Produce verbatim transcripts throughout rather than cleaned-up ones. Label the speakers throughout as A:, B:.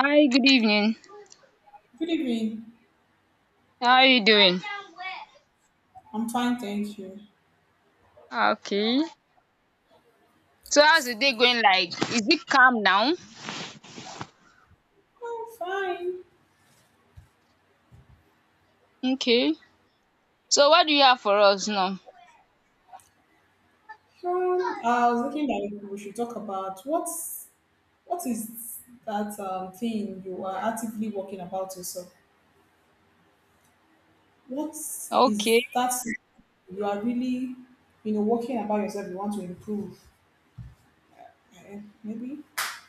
A: Hi, good evening.
B: Good evening.
A: How are you doing?
B: I'm fine, thank you.
A: Okay. So how's the day going like? Is it calm now?
B: I'm fine.
A: Okay. So what do you have for us now?
B: Um, I was thinking that we should talk about what's what is that um, thing you are actively working about yourself. What is
A: Okay.
B: that you are really, you know, working about yourself? You want to improve, Eh, maybe.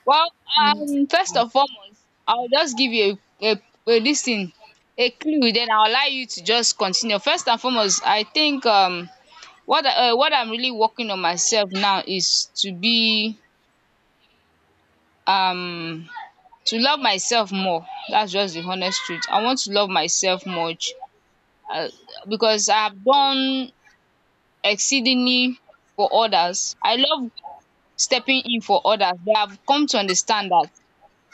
A: Well,
B: Let me put it.
A: um, first
B: Like
A: and foremost, I'll just give you a, a, a listen, a clue, then I'll allow you to just continue. First and foremost, I think um what I- uh, what I'm really working on myself now is to be um to love myself more. That's just the honest truth. I want to love myself much uh, because I have done exceedingly for others. I love stepping in for others, but I've come to understand that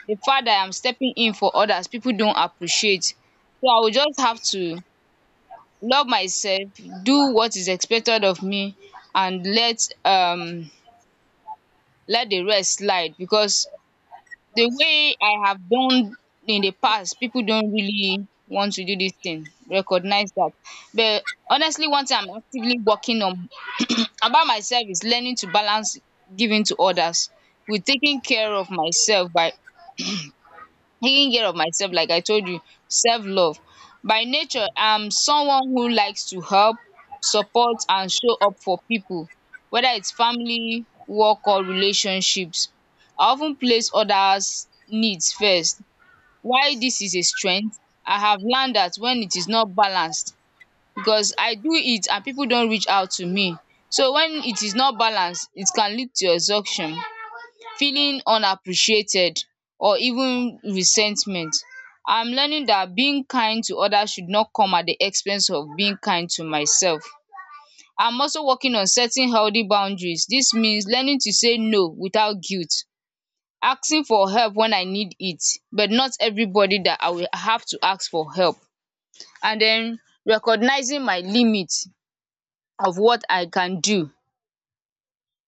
A: the fact that I'm stepping in for others, people don't appreciate. So I will just have to love myself, do what is expected of me, and let um let the rest slide, because the
B: that
A: way I have done in the past, people don't really want to do this thing, recognize that. But honestly, one thing I'm actively working on about myself is learning to balance giving to others with taking care of myself. By taking care of myself, like I told you, self-love. By nature, I'm someone who likes to help, support and show up for people, whether it's family, work or relationships. I of ten place others' needs first. While dis is a strength, I have learned dat when it is not balanced, because I do it and people don't reach out to me. So when it is not balanced, it can lead to exhaustion, feeling unappreciated, or even resentment. I'm learning that being kind to others should not come at the expense of being kind to myself. I'm also working on setting healthy boundaries. This means learning to say no without guilt, asking for help when I need it, but not everybody that I will have to ask for help, and then recognizing my limit of what I can do.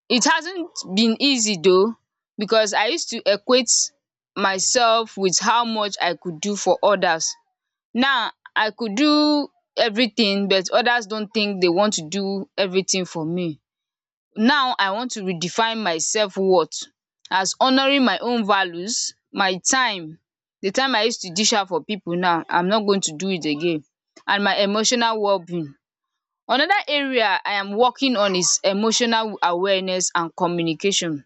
A: It hasn't been easy though, because I used to equate myself with how much I could do for others. Now I could do everything, but others don't think they want to do everything for me. Now I want to redefine my self-worth as honouring my own values, my time, the time I used to dish out for people, now I'm not going to do it again, and my emotional wellbeing. Another area I am working on is emotional awareness and communication.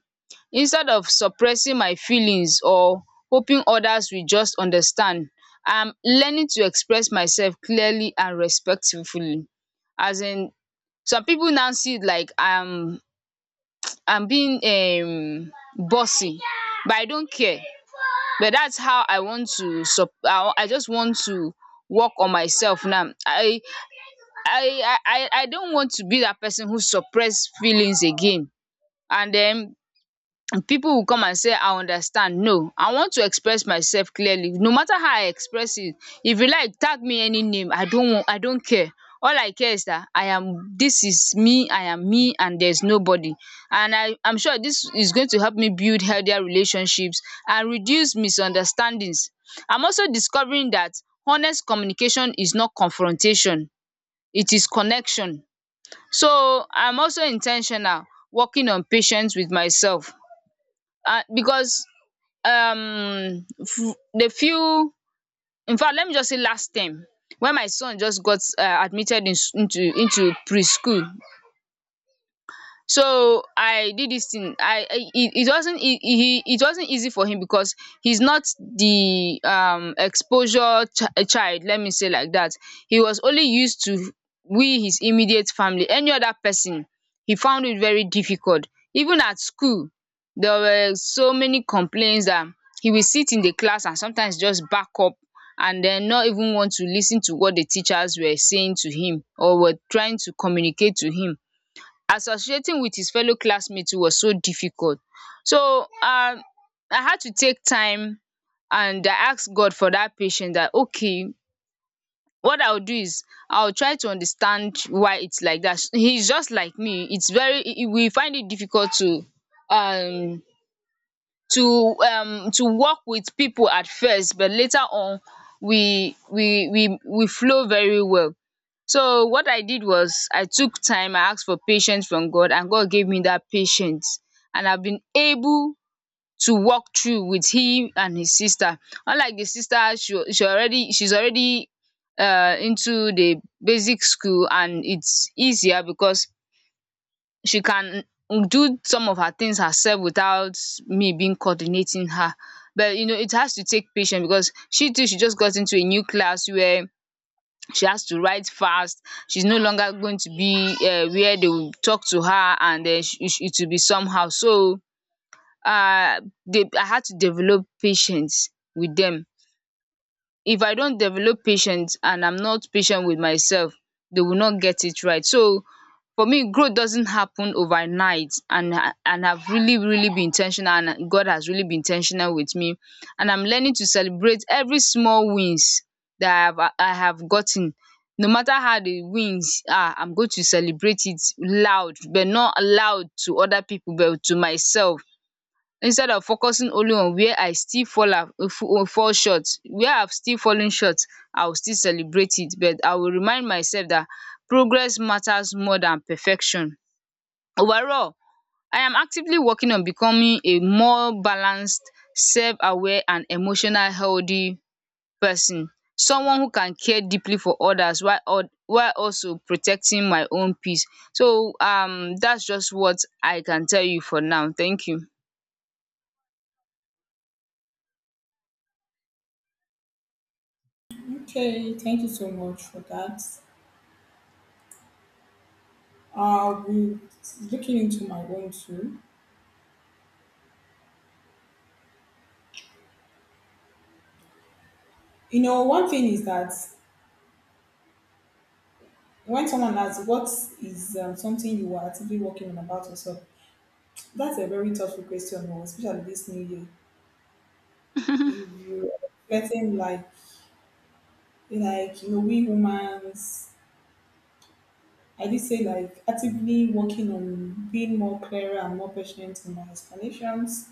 A: Instead of suppressing my feelings or hoping others will just understand, I am learning to express myself clearly and respectfully. As in, some pipu now see it like I am I am being um bossy, but I don't care. But that's how I want to sup I I just want to work on myself now. I I I I don't want to be that person who suppress feelings again, and then people will come and say I understand. No, I want to express myself clearly. No matter how I express it, if you like tag me any name, I don't want I don't care. All I care is that I am this is me, I am me and there's nobody. And I I'm sure this is going to help me build healthier relationships and reduce misunderstandings. I'm also discovering that honest communication is not confrontation, it is connection. So I'm also intentional, working on patience with myself, um because um f- the few in fact, let me just say, last time when my son just got um admitted in s- into into preschool. So I did this thing. I I- it, it wasn't he, he it wasn't easy for him, because he's not the um exposure ch- child, let me say, like that. He was only used to, we, his immediate family. Any other person, he found it very difficult, even at school. There were so many complaints that he will sit in the class and sometimes just back up, and then not even want to listen to what the teachers were saying to him, or were trying to communicate to him. Associating with his fellow classmates was so difficult. So um I had to take time and I asked God for that patience. That, okay, what I'll do is, I'll try to understand why it's like that. He's just like me. It's very i- i- we find it difficult to um to um to work with people at first, but later on we we we we flow very well. So what I did was, I took time, I asked for patience from God, and God gave me that patience, and I've been able to walk through with him and his sister. Unlike the sister, she she already she's already um into the basic school, and it's easier because she can do some of her things herself without me being coordinating her. But you know, it has to take patience because she too, she just got into a new class where she has to write fast. She's no longer going to be um where they will talk to her, and um it will be somehow. So um they I had to develop patience with them. If I don't develop patience and I'm not patient with myself, they will not get it right. So for me, growth doesn't happen overnight, and I- and I've really really been intentional, and God has really been intentional with me. And I'm learning to celebrate every small wins that i have i have gotten. No matter how the wins are, I'm going to celebrate it loud, but not loud to other people, but to myself. Instead of focusing only on where I still fall af uh, fall short, where I've still fallen short, I will still celebrate it, but I will remind myself that progress matters more than perfection. Overall, I am actively working on becoming a more balanced, self-aware and emotional healthy person. Someone who can care deeply for others while al while also protecting my own peace. So um that's just what I can tell you for now. Thank you.
B: Okay, thank you so much for that. I'll be looking into my own too. You know, one thing is that when someone asks, what is um, something you are actively working on about yourself? That's a very thoughtful question, oh, especially this new year. If you letting like like you know, we humans I did say like actively working on being more clearer and more patient in my explanations,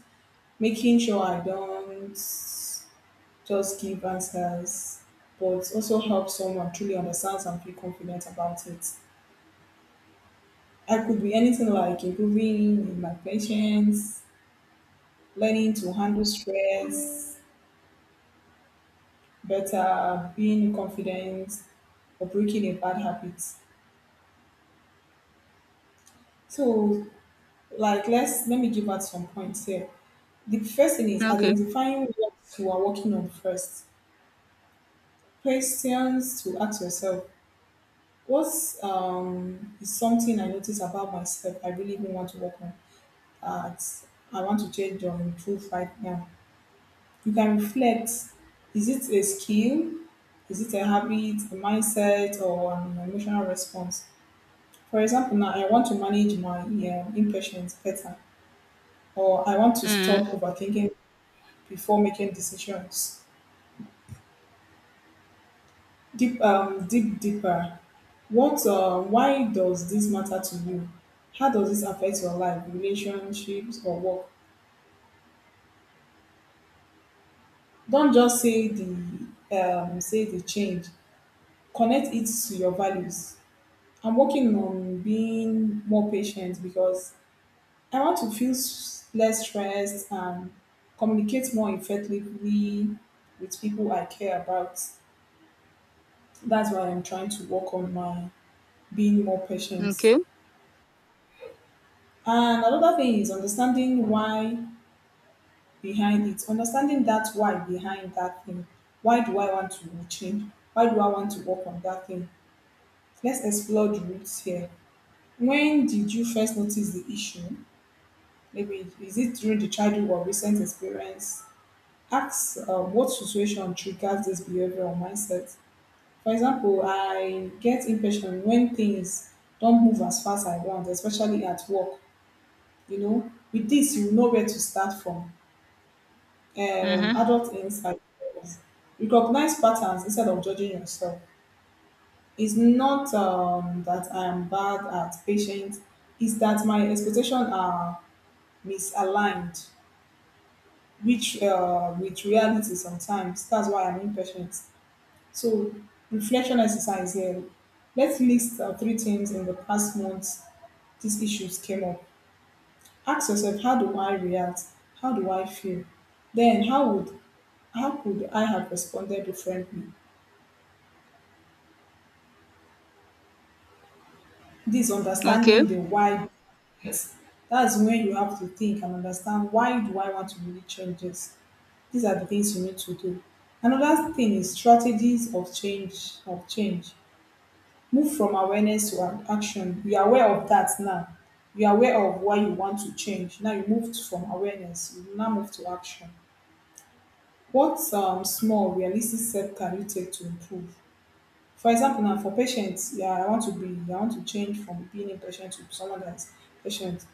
B: making sure I don't just give answers, but also help someone truly understand and feel confident about it. I could be anything like improving in my patience, learning to handle stress better, being confident, or breaking a bad habit. So, like, let's let me give out some points here. The first thing is
A: Okay.
B: identifying what you are working on first. Questions to ask yourself: What um, is something I notice about myself I really even want to work on? At I want to change or improve right now. You can reflect: Is it a skill? Is it a habit, a mindset, or an emotional response? For example, now I want to manage my um, impressions better, or I want to stop
A: um
B: overthinking before making decisions. Deep, um, deep deeper. What? Uh, why does this matter to you? How does this affect your life, relationships, or work? Don't just say the um, say the change. Connect it to your values. I'm working on being more patient because I want to feel s- less stressed and communicate more effectively with people I care about. That's why I'm trying to work on my being more patient.
A: Okay.
B: And another thing is understanding why behind it, understanding that why behind that thing. Why do I want to change? Why do I want to work on that thing? Let's explore the roots here. When did you first notice the issue? Maybe is it during the childhood or recent experience? Ask uh, what situation triggers this behavior or mindset. For example, I get impatient when things don't move as fast as I want, especially at work. You know, with this, you know where to start from. Um,
A: Mhm.
B: adult insight. Recognize patterns instead of judging yourself. It's not um, that I am bad at patience, it's that my expectations are misaligned, which uh, with reality sometimes. That's why I'm impatient. So, reflection exercise here. Let's list uh, three things in the past months these issues came up. Ask yourself, how do I react? How do I feel? Then, how would how could I have responded differently? This
A: Okay.
B: understanding the why. Yes. That's when you have to think and understand why do I want to really change this. These are the things you need to do. Another thing is strategies of change of change. Move from awareness to an action. You are aware of that now, you are aware of why you want to change. Now you moved from awareness, you now move to action. What um, small realistic step can you take to improve? For example, now for patients, yeah, I want to be, I want to change from being impatient to someone that is patient.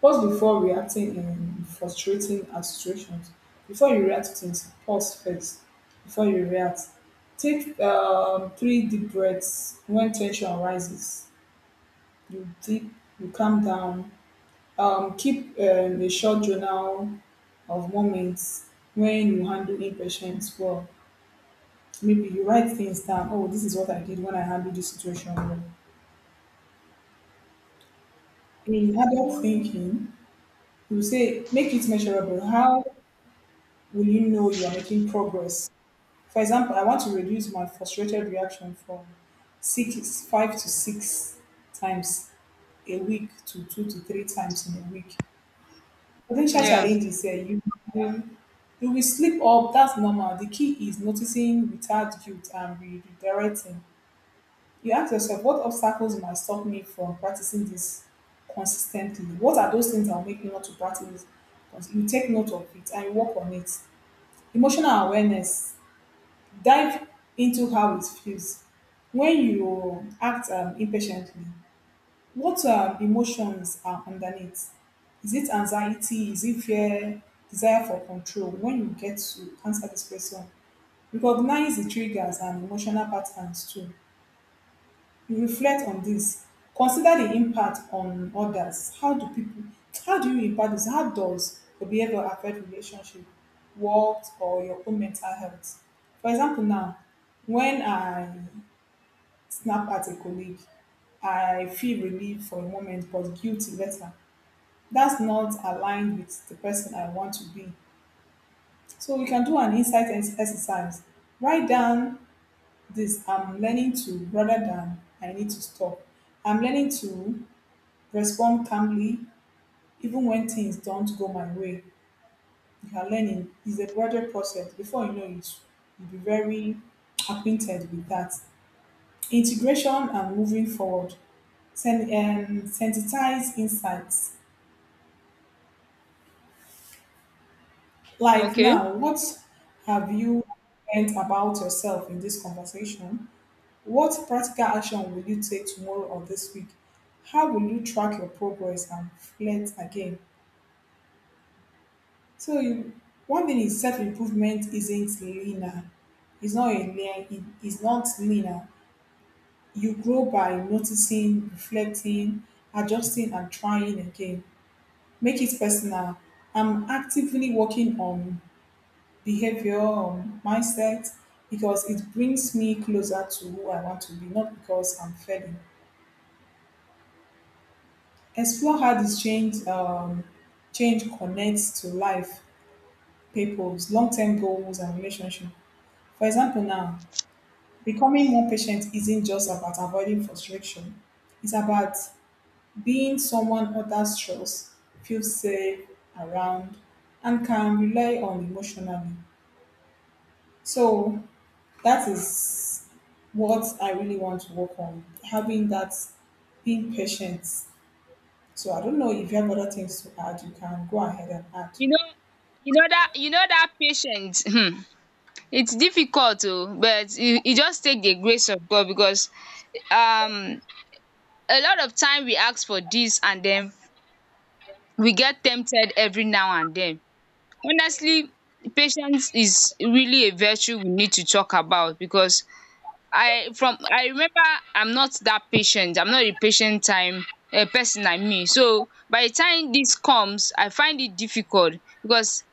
B: Pause before reacting in frustrating uh, situations. Before you react to things, pause first before you react. Take um, three deep breaths when tension rises, you deep, you calm down. Um, keep um, a short journal of moments when you handle impatience well. Maybe you write things down. Oh, this is what I did when I handled this situation well. In adult thinking, you say make it measurable. How will you know you are making progress? For example, I want to reduce my frustrated reaction from six, five to six times a week to two to three times in a week. Potential challenges eh, you will, you will slip up, that's normal. The key is noticing without guilt and redirecting. You ask yourself, what obstacles might stop me from practicing this consistently? What are those things that will make me not to practice it? You take note of it and you work on it. Emotional awareness, dive into how it feels. When you act um, impatiently, what um, emotions are underneath? Is it anxiety? Is it fear? Desire for control? When you get to answer this question, recognize the triggers and emotional patterns too. You reflect on this. Consider the impact on others. How do people? How do you impact this? How does the behavior affect relationship, work, or your own mental health? For example, now when I snap at a colleague, I feel relief for a moment but guilty later, that's not aligned with the person I want to be. So we can do an insight ex- exercise. Write down this I'm learning to rather than I need to stop. I'm learning to respond calmly even when things don't go my way. You are learning is a gradual process. Before you know it, you'll be very acquainted with that. Integration and moving forward. Sen- um, sensitize insights. Like
A: Okay.
B: now, what have you learned about yourself in this conversation? What practical action will you take tomorrow or this week? How will you track your progress and reflect again? So you, one thing is self improvement isn't linear. It's not a linear. it's not linear. You grow by noticing, reflecting, adjusting, and trying again. Make it personal. I'm actively working on behavior, um, mindset, because it brings me closer to who I want to be, not because I'm failing. Explore how this change um, change connects to life, people's long-term goals and relationship. For example, now becoming more patient isn't just about avoiding frustration; it's about being someone others trust, feel safe around, and can rely on emotionally. So that is what I really want to work on, having that being patient. So I don't know if you have other things to add, you can go ahead and add.
A: You know, you know that, you know that patience. Hmm, it's difficult oh, but you you just take the grace of God, because um a lot of time we ask for this, and then we get tempted every now and then. Honestly, patience is really a virtue we need to talk about, because I, from I remember, I'm not that patient. I'm not a patient time a person, I mean. So by the time this comes, I find it difficult because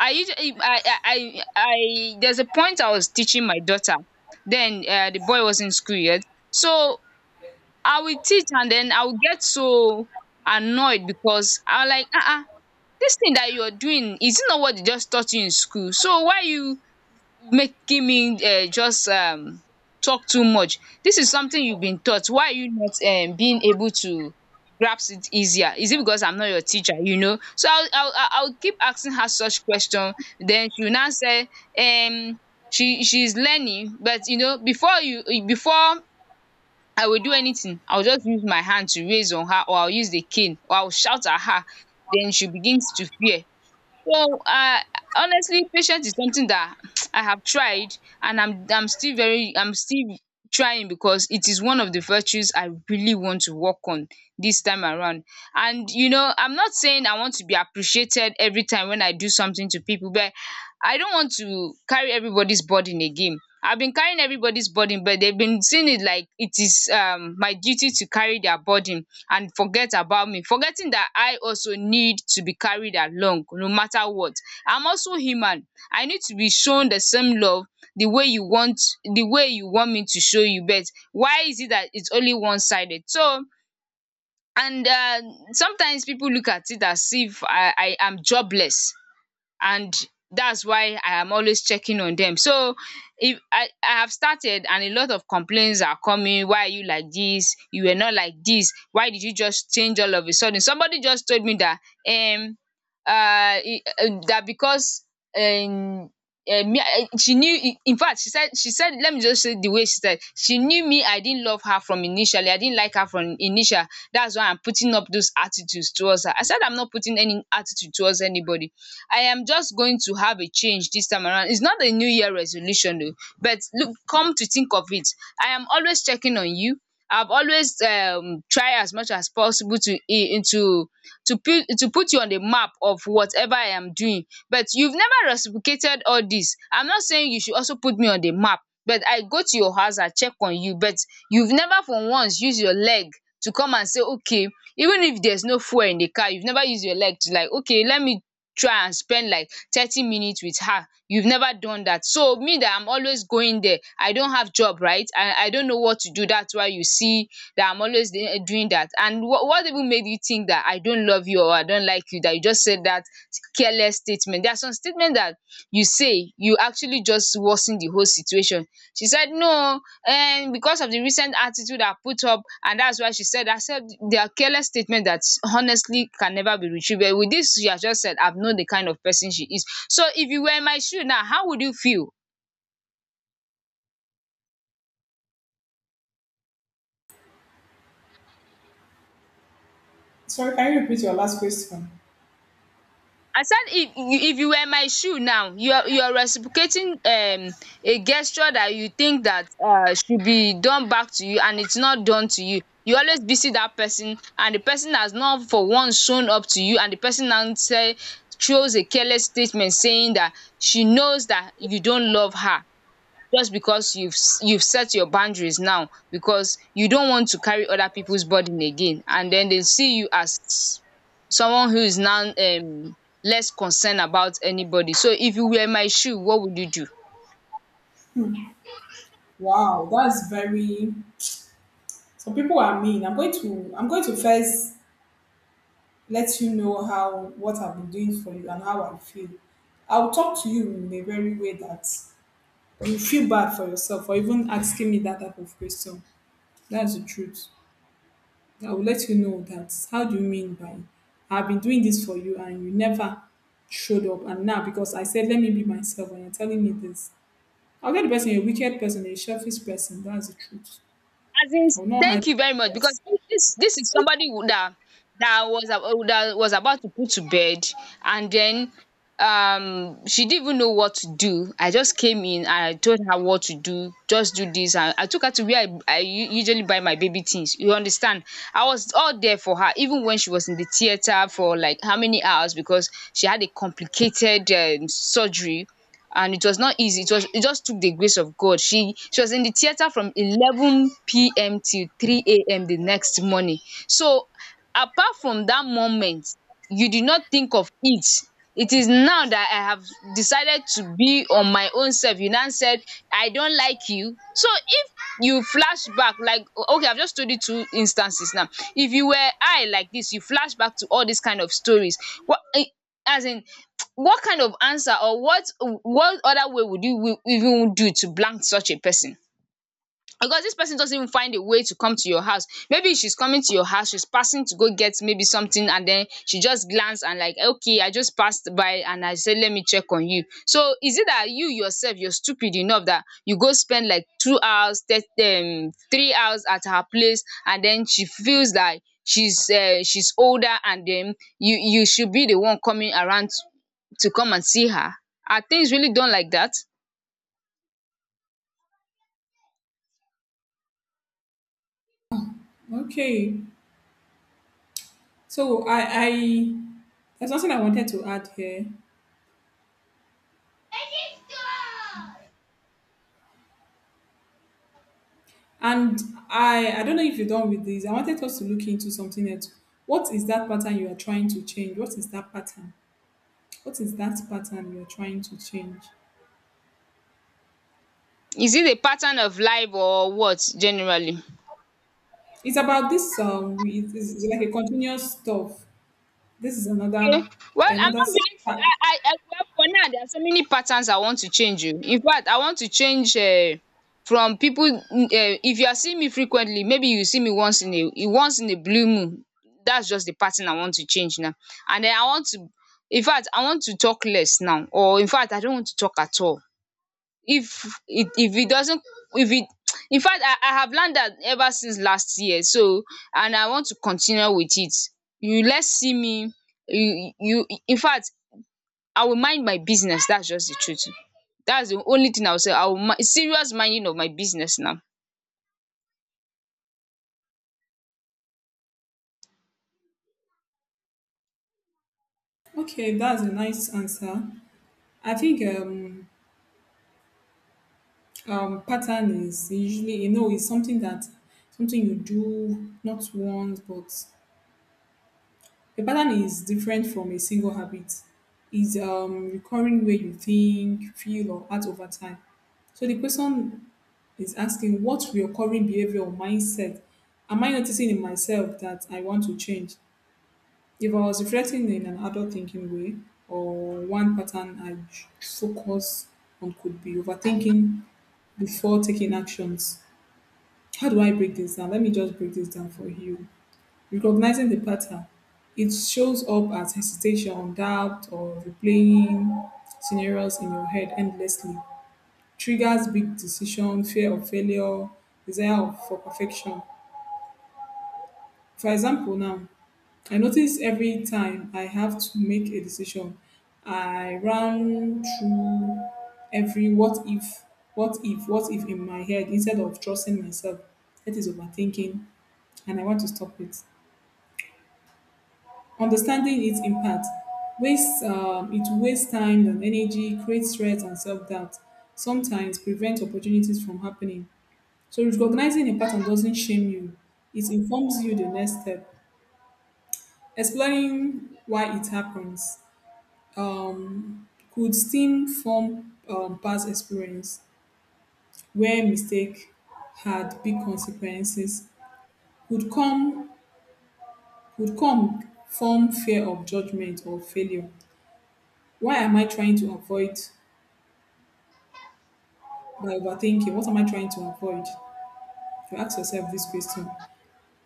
A: I usually I I I, I there's a point I was teaching my daughter. Then uh, the boy was in school yet. So I will teach and then I will get so annoyed because I'm like, uh uh this thing that you're doing is not what they just taught you in school. So why you making me um just um talk too much. This is something you've been taught. Why are you not um being able to grasp it easier? Is it because I'm not your teacher, you know? So I'll I'll, I'll I'll keep asking her such question. Then she will now say um she she's learning, but you know, before you before I will do anything, I'll just use my hand to raise on her, or I'll use the cane, or I'll shout at her. Then she begins to fear. So, uh, honestly, patience is something that I have tried, and I'm I'm still very I'm still trying, because it is one of the virtues I really want to work on this time around. And you know, I'm not saying I want to be appreciated every time when I do something to people, but I don't want to carry everybody's burden again. I've been carrying everybody's burden, but they've been seeing it like it is um my duty to carry their burden and forget about me, forgetting that I also need to be carried along no matter what. I'm also human. I need to be shown the same love, the way you want the way you want me to show you, but why is it that it's only one-sided? So, and um sometimes people look at it as if I I am jobless, and that's why I am always checking on them. So if I I have started, and a lot of complaints are coming: why are you like this, you were not like this, why did you just change all of a sudden. Somebody just told me that um uh e um that because um uh, me I she knew. In fact, she said she said, let me just say, the way she said, she knew me, I didn't love her from initially I didn't like her from initial. That's why I'm putting up those attitudes towards her. I said I'm not putting any attitude towards anybody. I am just going to have a change this time around. It's not a new year resolution though, but look, come to think of it, I am always checking on you. I've always um try as much as possible to into to to put to put you on the map of whatever I am doing. But you've never reciprocated all this. I'm not saying you should also put me on the map, but I go to your house, I check on you, but you've never for once used your leg to come and say okay, even if there's no fuel in the car you've never used your leg to like okay, let me try and spend like thirty minutes with her. You've never done that. So me that I'm always going there, I don't have job, right? I i don't know what to do. That's why you see that I'm always dey doing that. And what what even made you think that I don't love you or I don't like you, that you just said that careless statement? There are some statement that you say you actually just worsen the whole situation. She said no, um because of the recent attitude her put up, and that's why she said herself their careless statement that honestly can never be retrieved. With this she has just said I've known the kind of person she is. So if you were in my shoe now, how would you feel?
B: Sorry, can you repeat your last question?
A: I said if if you were my shoe now, you're you're reciprocating um a gesture that you think that uh should be done back to you, and it's not done to you. You always visit that person and the person has not for once shown up to you, and the person now say throws a careless statement saying that she knows that you don't love her, just because you've s- you've set your boundaries now because you don't want to carry other people's burden again, and then they see you as someone who is now um less concerned about anybody. So if you were my shoe, what would you do?
B: Wow, that's very. So people are mean. I'm going to I'm going to first let you know how what I've been doing for you and how I feel. I'll talk to you in a very way that you feel bad for yourself for even asking me that type of question. That's the truth. I will let you know that how do you mean by I've been doing this for you and you never showed up and now because I said let me be myself and you're telling me this. I'll get the person a wicked person, a selfish person, that's the truth.
A: As in,
B: I will not hide
A: thank you very much,
B: it.
A: because this this is somebody who that that was a- that was about to put to bed. And then um she didn't even know what to do. I just came in and I told her what to do, just do this, and I took her to where I, I u- usually buy my baby things, you understand. I was all there for her even when she was in the theater for like how many hours, because she had a complicated um, surgery, and it was not easy. It was it just took the grace of god. She she was in the theater from eleven p.m till three a.m the next morning. So apart from that moment, you did not think of it. It is now that I have decided to be on my own self, you now said I don't like you. So if you flash back like o- okay, I've just told you two instances now. If you were I like this, you flash back to all these kind of stories. What eh, as in, what kind of answer or what what other way would you wi- even do to blank such a person? Because this person doesn't even find a way to come to your house. Maybe she's coming to your house, she's passing to go get maybe something, and then she just glance and like okay, I just passed by and I said let me check on you. So is it that you yourself you're stupid enough that you go spend like two hours th- um, three hours at her place, and then she feels like she's uh, she's older and then you you should be the one coming around to come and see her? Are things really done like that?
B: Okay. So I I there's something I wanted to add here. And I I don't know if you're done with this. I wanted us to look into something else. What is that pattern you are trying to change? What is that pattern? What is that pattern you are trying to change?
A: Is it a pattern of life or what generally?
B: It's about this um we, it is like a continuous stuff, this is
A: Okay.
B: another
A: Well, I'm
B: another
A: not really
B: part.
A: I I I well for now there are so many patterns I want to change you. In fact, I want to change um from people. Um if you are seeing me frequently, maybe you see me once in a once in a blue moon. That's just the pattern I want to change now. And then I want to, in fact I want to talk less now, or in fact I don't want to talk at all if it if it doesn't, if it in fact I I have learned that ever since last year, so and I want to continue with it. You less see me, you you in fact, I will mind my business. That's just the truth. That's the only thing I will say. I will mind, serious minding of my business now.
B: Okay, that's a nice answer. I think um um pattern is usually, you know, it's something that something you do not once but a pattern is different from a single habit, is um recurring way you think, feel or act over time. So the person is asking what recurring behavior or mindset am I noticing in myself that I want to change? If I was reflecting in an adult thinking way, or one pattern i j- focus on could be overthinking before taking actions. How do I break this down? Let me just break this down for you. Recognizing the pattern, it shows up as hesitation, doubt, or replaying scenarios in your head endlessly. Triggers big decision, fear of failure, desire of- for perfection. For example, now, I notice every time I have to make a decision, I run through every what if, what if, what if in my head instead of trusting myself. That is overthinking, and I want to stop it. Understanding its impact wastes um, it wastes time and energy, creates stress and self-doubt. Sometimes prevents opportunities from happening. So recognizing a pattern doesn't shame you; it informs you the next step, exploring why it happens um, could stem from um, past experience where mistake had big consequences, could come could come from fear of judgment or failure. Why am I trying to avoid by overthinking? What am I trying to avoid? You ask yourself this question.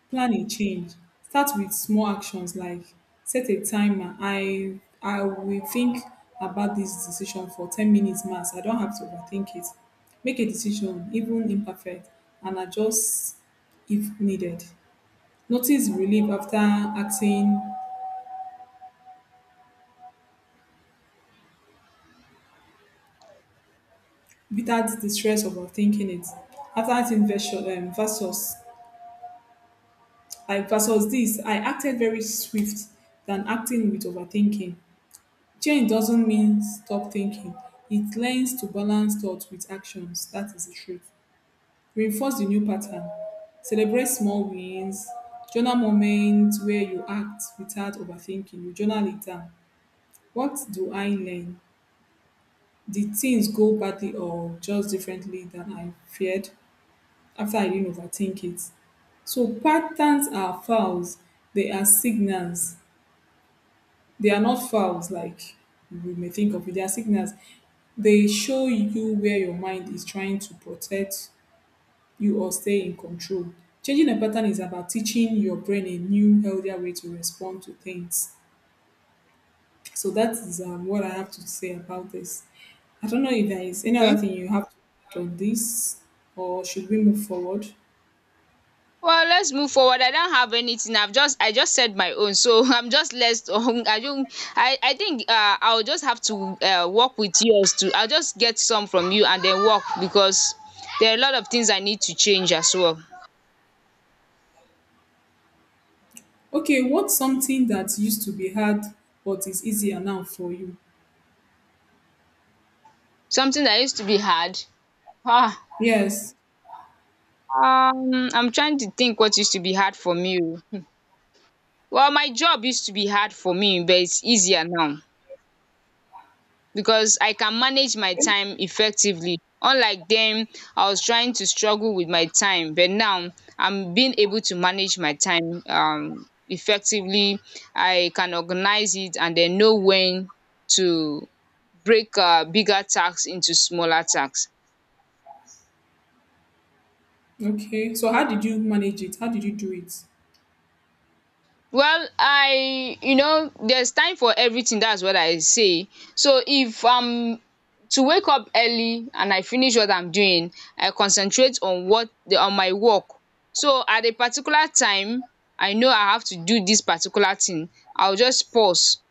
B: Planning change, start with small actions like set a timer. I i will think about this decision for ten minutes max. I don't have to overthink it. Make a decision, even imperfect, and adjust if needed. Notice relief after acting without the stress of overthinking it. After acting versus, um, versus like versus this, I acted very swift than acting with overthinking. Change doesn't mean stop thinking. It learns to balance thought with actions. That is the truth. Reinforce the new pattern. Celebrate small wins. Journal moments where you act without overthinking. You journal it down. What do I learn? Did things go badly or just differently than I feared after I didn't overthink it? So patterns are files. They are signals. They are not fouls like we may think of it. They are signals. They show you where your mind is trying to protect you or stay in control. Changing a pattern is about teaching your brain a new, healthier way to respond to things. So that is um, what I have to say about this. I don't know if there is any
A: Okay.
B: other thing you have to add on this, or should we move forward?
A: Well, let's move forward. I don't have anything. I've just I just said my own, so I'm just less. Um, I don't. I I think uh, I'll just have to uh, work with yours too. I'll just get some from you and then work because there are a lot of things I need to change as well.
B: Okay, what's something that used to be hard but is easier now for you?
A: Something that used to be hard. Ah,
B: Yes.
A: um, I'm trying to think what used to be hard for me. Oh. Well, my job used to be hard for me, but it's easier now, because I can manage my time effectively unlike them. I was trying to struggle with my time, but now I'm being able to manage my time um effectively. I can organize it and then know when to break um bigger tasks into smaller tasks.
B: Okay, so how did you manage it? How did you do it?
A: Well, I, you know, there's time for everything, that's what I say. So if I'm to wake up early and I finish what I'm doing, I concentrate on what the on my work. So at a particular time I know I have to do dis particular thing, I will just pause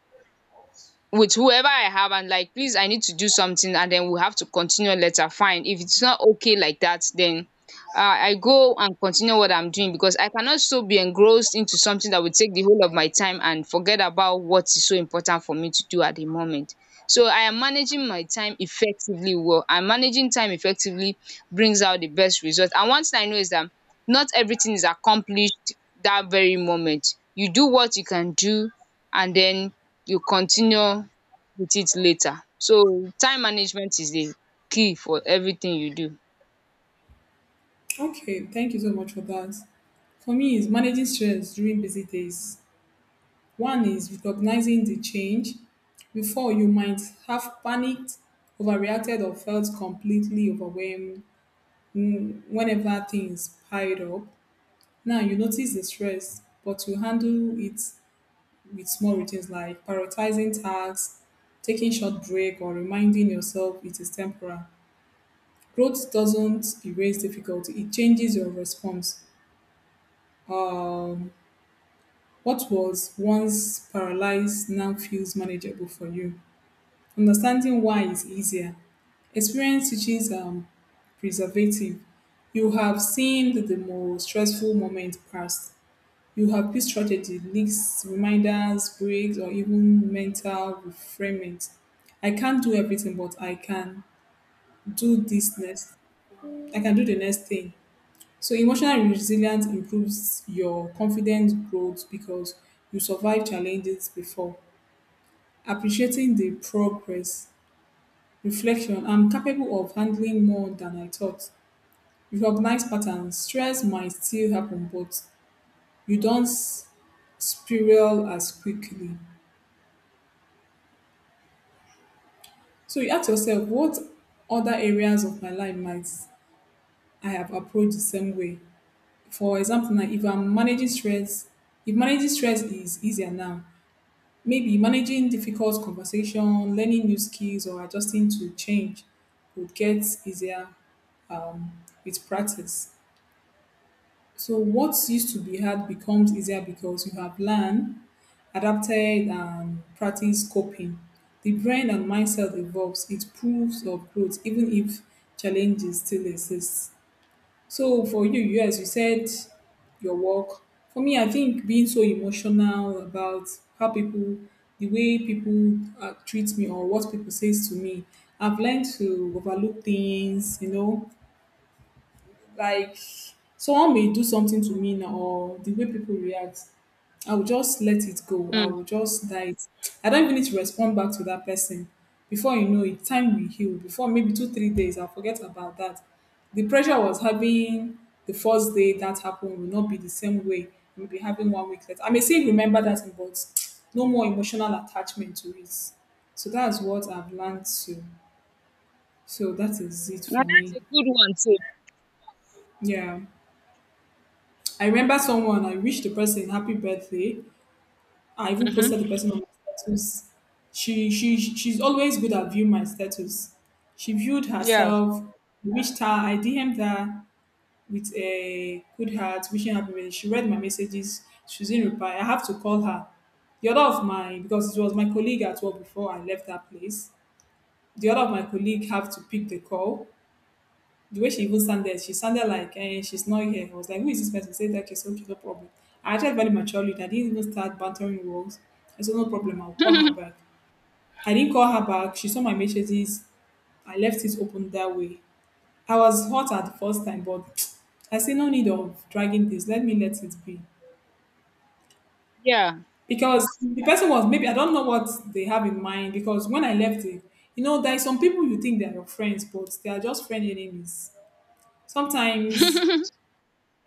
A: with whoever I have and like, please, I need to do something, and then we have to continue later. Fine. If it's not okay like that, then uh, I go and continue what I'm doing, because I cannot so be engrossed into something that would take the whole of my time and forget about what is so important for me to do at the moment. So I am managing my time effectively well, and managing time effectively brings out the best result. And one thing I know is that not everything is accomplished that very moment. You do what you can do, and then you continue with it later. So time management is the key for everything you do.
B: Okay, thank you so much for that. For me, is managing stress during busy days. One is recognizing the change. Before, you might have panicked, overreacted, or felt completely overwhelmed, mm, whenever things piled up. Now, you notice the stress, but you handle it with small routines like prioritizing tasks, taking short break, or reminding yourself it is temporary. Growth doesn't erase difficulty, it changes your response. Um, what was once paralyzed now feels manageable for you. Understanding why is easier. Experience teaches um, preservative. You have seen the more stressful moment past. You have this strategy, leaks, reminders, breaks, or even mental reframing. I can't do everything, but I can do this next. I can do the next thing. So emotional resilience improves your confidence growth because you survived challenges before. Appreciating the progress, reflection, I'm capable of handling more than I thought. Recognize patterns, stress might still happen, but you don't s- spiral as quickly. So you ask yourself, what other areas of my life might I have approached the same way? For example, now if I'm managing stress, if managing stress is easier now, maybe managing difficult conversation, learning new skills, or adjusting to change would get easier with practice. So, what used to be hard becomes easier because you have learned, adapted, and practiced coping. The brain and mindset evolves, it proves of growth, even if challenges still exist. So for you, you, as you said, your work. For me, I think being so emotional about how people, the way people uh, treat me or what people says to me, I've learned to overlook things. You know, like someone may do something to me now or the way people react, I will just let it go. I
A: Mm.
B: will just die it. I don't even need to respond back to that person. Before you know it, time will heal. Before maybe two, three days, I'll forget about that. The pressure I was having the first day that happened will not be the same way we'll be having one week later. I may still remember that thing, but no more emotional attachment to it. So that's what I've learned to. So that is it
A: Now
B: for
A: that's
B: me.
A: a good one
B: Yeah. I remember someone, I wished the person happy birthday. I
A: too.
B: even
A: Hmm.
B: posted the person on my status. She she she's always good at viewing my status. She viewed
A: Yeah.
B: herself, wished her, I D M'd her with a good heart, wishing happy birthday. She read my messages, she didn't reply. I have to call her. The other of my, because it was my colleague at work before I left that place. The other of my colleague have to pick the call. The way she even sounded, she sounded like eh, she's not here. I was like, who is this person? Say that she's okay, no problem. I acted very maturely. I didn't even start bantering words. I said, no problem, I'll call her back. I didn't call her back. She saw my messages. I left it open that way. I was hot at the first time, but I say no need of dragging this. Let me let it be.
A: Yeah.
B: Because the person was, maybe I don't know what they have in mind. Because when I left it, you know, there are some people you think they are your friends, but they are just friend enemies. Sometimes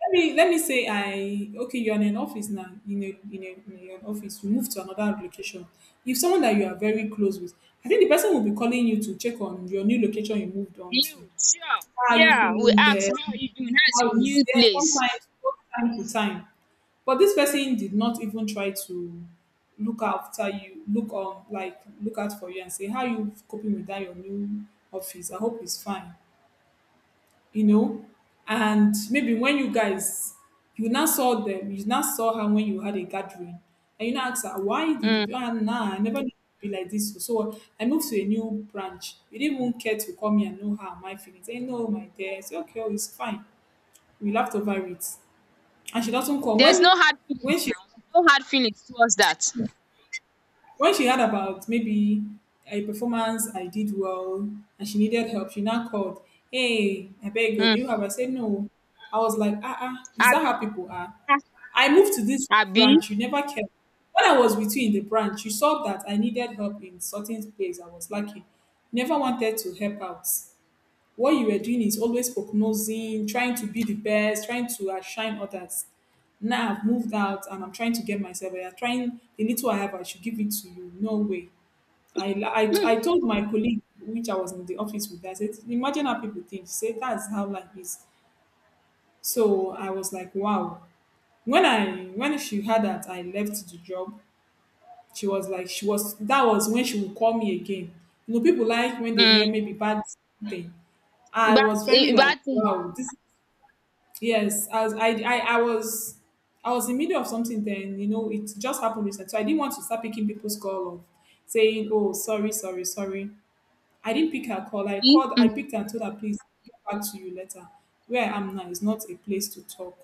B: let me let me say i, okay, you're in an office now, in a in a in an office you move to another location. If someone that you are very close with, I think the person will be calling you to check on your new location you moved on to.
A: You sure.
B: How are you
A: Yeah. We
B: feeling
A: ask
B: there,
A: how are you doing? How's
B: how
A: your
B: is
A: new
B: there?
A: place?
B: Sometimes both time to time. But this person did not even try to look after you, look on, like, look out for you and say how you coping with that your new office, I hope it's fine, you know. And maybe when you guys, you now saw them, you now saw her when you had a gathering, and you now ask her, why did you
A: Mm.
B: do? Ah, nah, I never knew it would be like this. So I moved to a new branch. You didn't even care to call me and know how my feelings. Hey, no, my dear. I say, okay, oh, it's fine. We laughed over it. And she doesn't call.
A: There's no
B: When
A: hard
B: when
A: feelings
B: she
A: now. No hard feelings towards that.
B: When she heard about maybe a performance I did well and she needed help, she now called, hey, I beg you, do
A: Mm.
B: you have? I said, no. I was like, ah, ah, is that
A: Abi.
B: how people are?
A: Ah,
B: I moved to this
A: Abi.
B: branch, you never cared. When I was with you in the branch, you saw that I needed help in certain place I was lacking. You never wanted to help out. What you were doing is always prognosing, trying to be the best, trying to outshine others. Now I've moved out and I'm trying to get myself. I'm trying the little I have, I should give it to you. No way. I, I, I told my colleague, which I was in the office with, I said, imagine how people think. She said, that's how life is. So I was like, wow. When I when she heard that I left the job, she was like, she was that was when she would call me again. You know, people like when they
A: Mm.
B: hear maybe bad thing. I
A: Bad
B: was very
A: eh,
B: like,
A: bad thing.
B: wow, this. Yes, as I, I I was, I was in the middle of something then, you know, it just happened recently. So I didn't want to start picking people's call of saying, oh, sorry, sorry, sorry. I didn't pick her call. I called, I
A: Mm.
B: picked her and told her, please get back to you later. Where I am now is not a place to talk.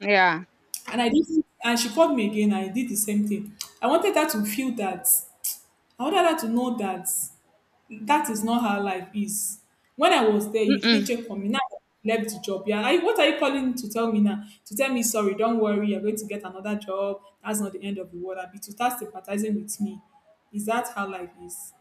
A: Yeah.
B: And I didn't, and she called me again, I did the same thing. I wanted her to feel that. I wanted her to know that that is not how life is. When I was there, you didn't
A: Mm-mm.
B: check for me. Now I left the job. Yeah, I, what are you calling to tell me now? To tell me sorry, don't worry, you're going to get another job. That's not the end of the world. I'll be to start sympathizing with me. Is that how life is?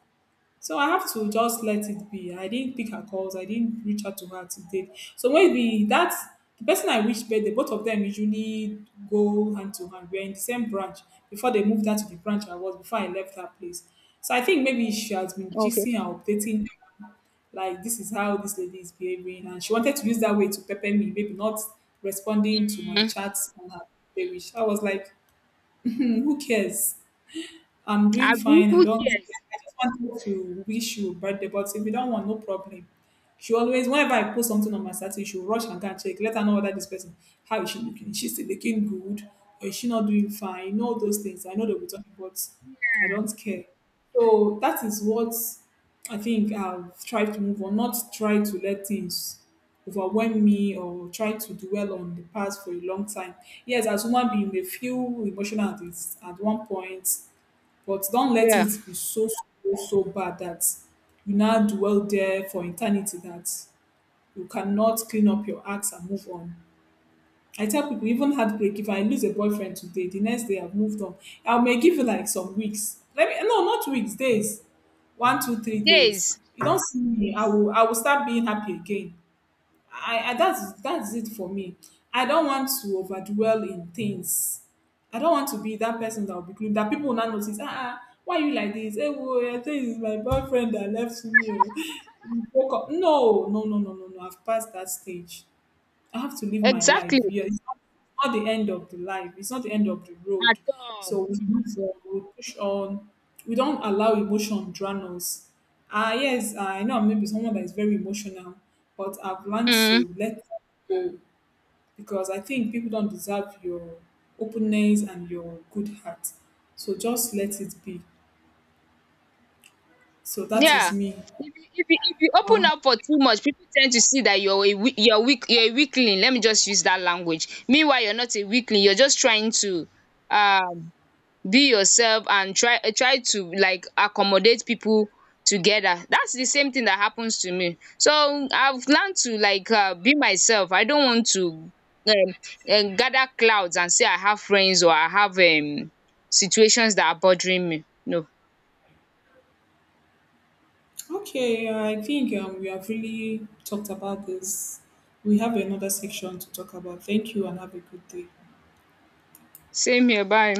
B: So I have to just let it be. I didn't pick her calls. I didn't reach out to her to date. So maybe that's the person I reached birthday. Both of them usually go hand to hand. We're in the same branch before they moved out to the branch I was before I left that place. So I think maybe she has been
A: Okay.
B: gisting and updating her, like this is how this lady is behaving and she wanted to use that way to pepper me, maybe not responding to my
A: Mm.
B: chats on her page. I was like, "Hmm, who cares? I'm doing
A: Abi,
B: fine. I
A: who
B: don't.
A: cares?
B: I just wanted to wish you birthday, but if you don't want, no problem." She always, whenever I post something on my status, she'll rush and go and check. Let her know whether this person, how is she looking? Is she still looking good? Or is she not doing fine? You know those things. I know they'll be talking, but I don't care. So that is what I think I've tried to move on. Not try to let things overwhelm me or try to dwell on the past for a long time. Yes, as human being, we feel emotional at this, at one point, but don't let
A: Yeah.
B: it be so so so bad that you now dwell there for eternity, that you cannot clean up your acts and move on. I tell people even heartbreak, if I lose a boyfriend today, the next day I've moved on. I may give you like some weeks. Let me, no, not weeks, days. One, two, three days.
A: Days,
B: You don't see me, I will I will start being happy again. I, I that's that's it for me. I don't want to overdwell in things. I don't want to be that person that will be clean, that people will not notice. Ah, ah, why you like this? Hey, boy, I think it's my boyfriend that left me, oh." Broke up. No, no, no, no, no, no. I've passed that stage. I have to live my
A: exactly,
B: life. Yeah, it's not, it's not the end of the life. It's not the end of the
A: at
B: road.
A: all.
B: So we move on, we push on. We don't allow emotion drown us. Ah, yes, I know I'm maybe someone that is very emotional, but I've learned
A: Mm,
B: to let, because I think people don't deserve your openness and your good heart. So just let it be. So that is
A: yeah.
B: me.
A: If you if you if you open
B: Ah.
A: up for too much, people tend to see that you're a wea you're weak, you're a weakling, let me just use that language. Meanwhile, you're not a weakling, you're just trying to um be yourself and try try to like accommodate people together. That's the same thing that happens to me, so I've learned to like uh, be myself. I don't want to um, um gather clouds and say I have friends or I have um situations that are bothering me, no.
B: Okay, I think um, we have really talked about this. We have another section to talk about. Thank you and have a good day.
A: Same here, bye.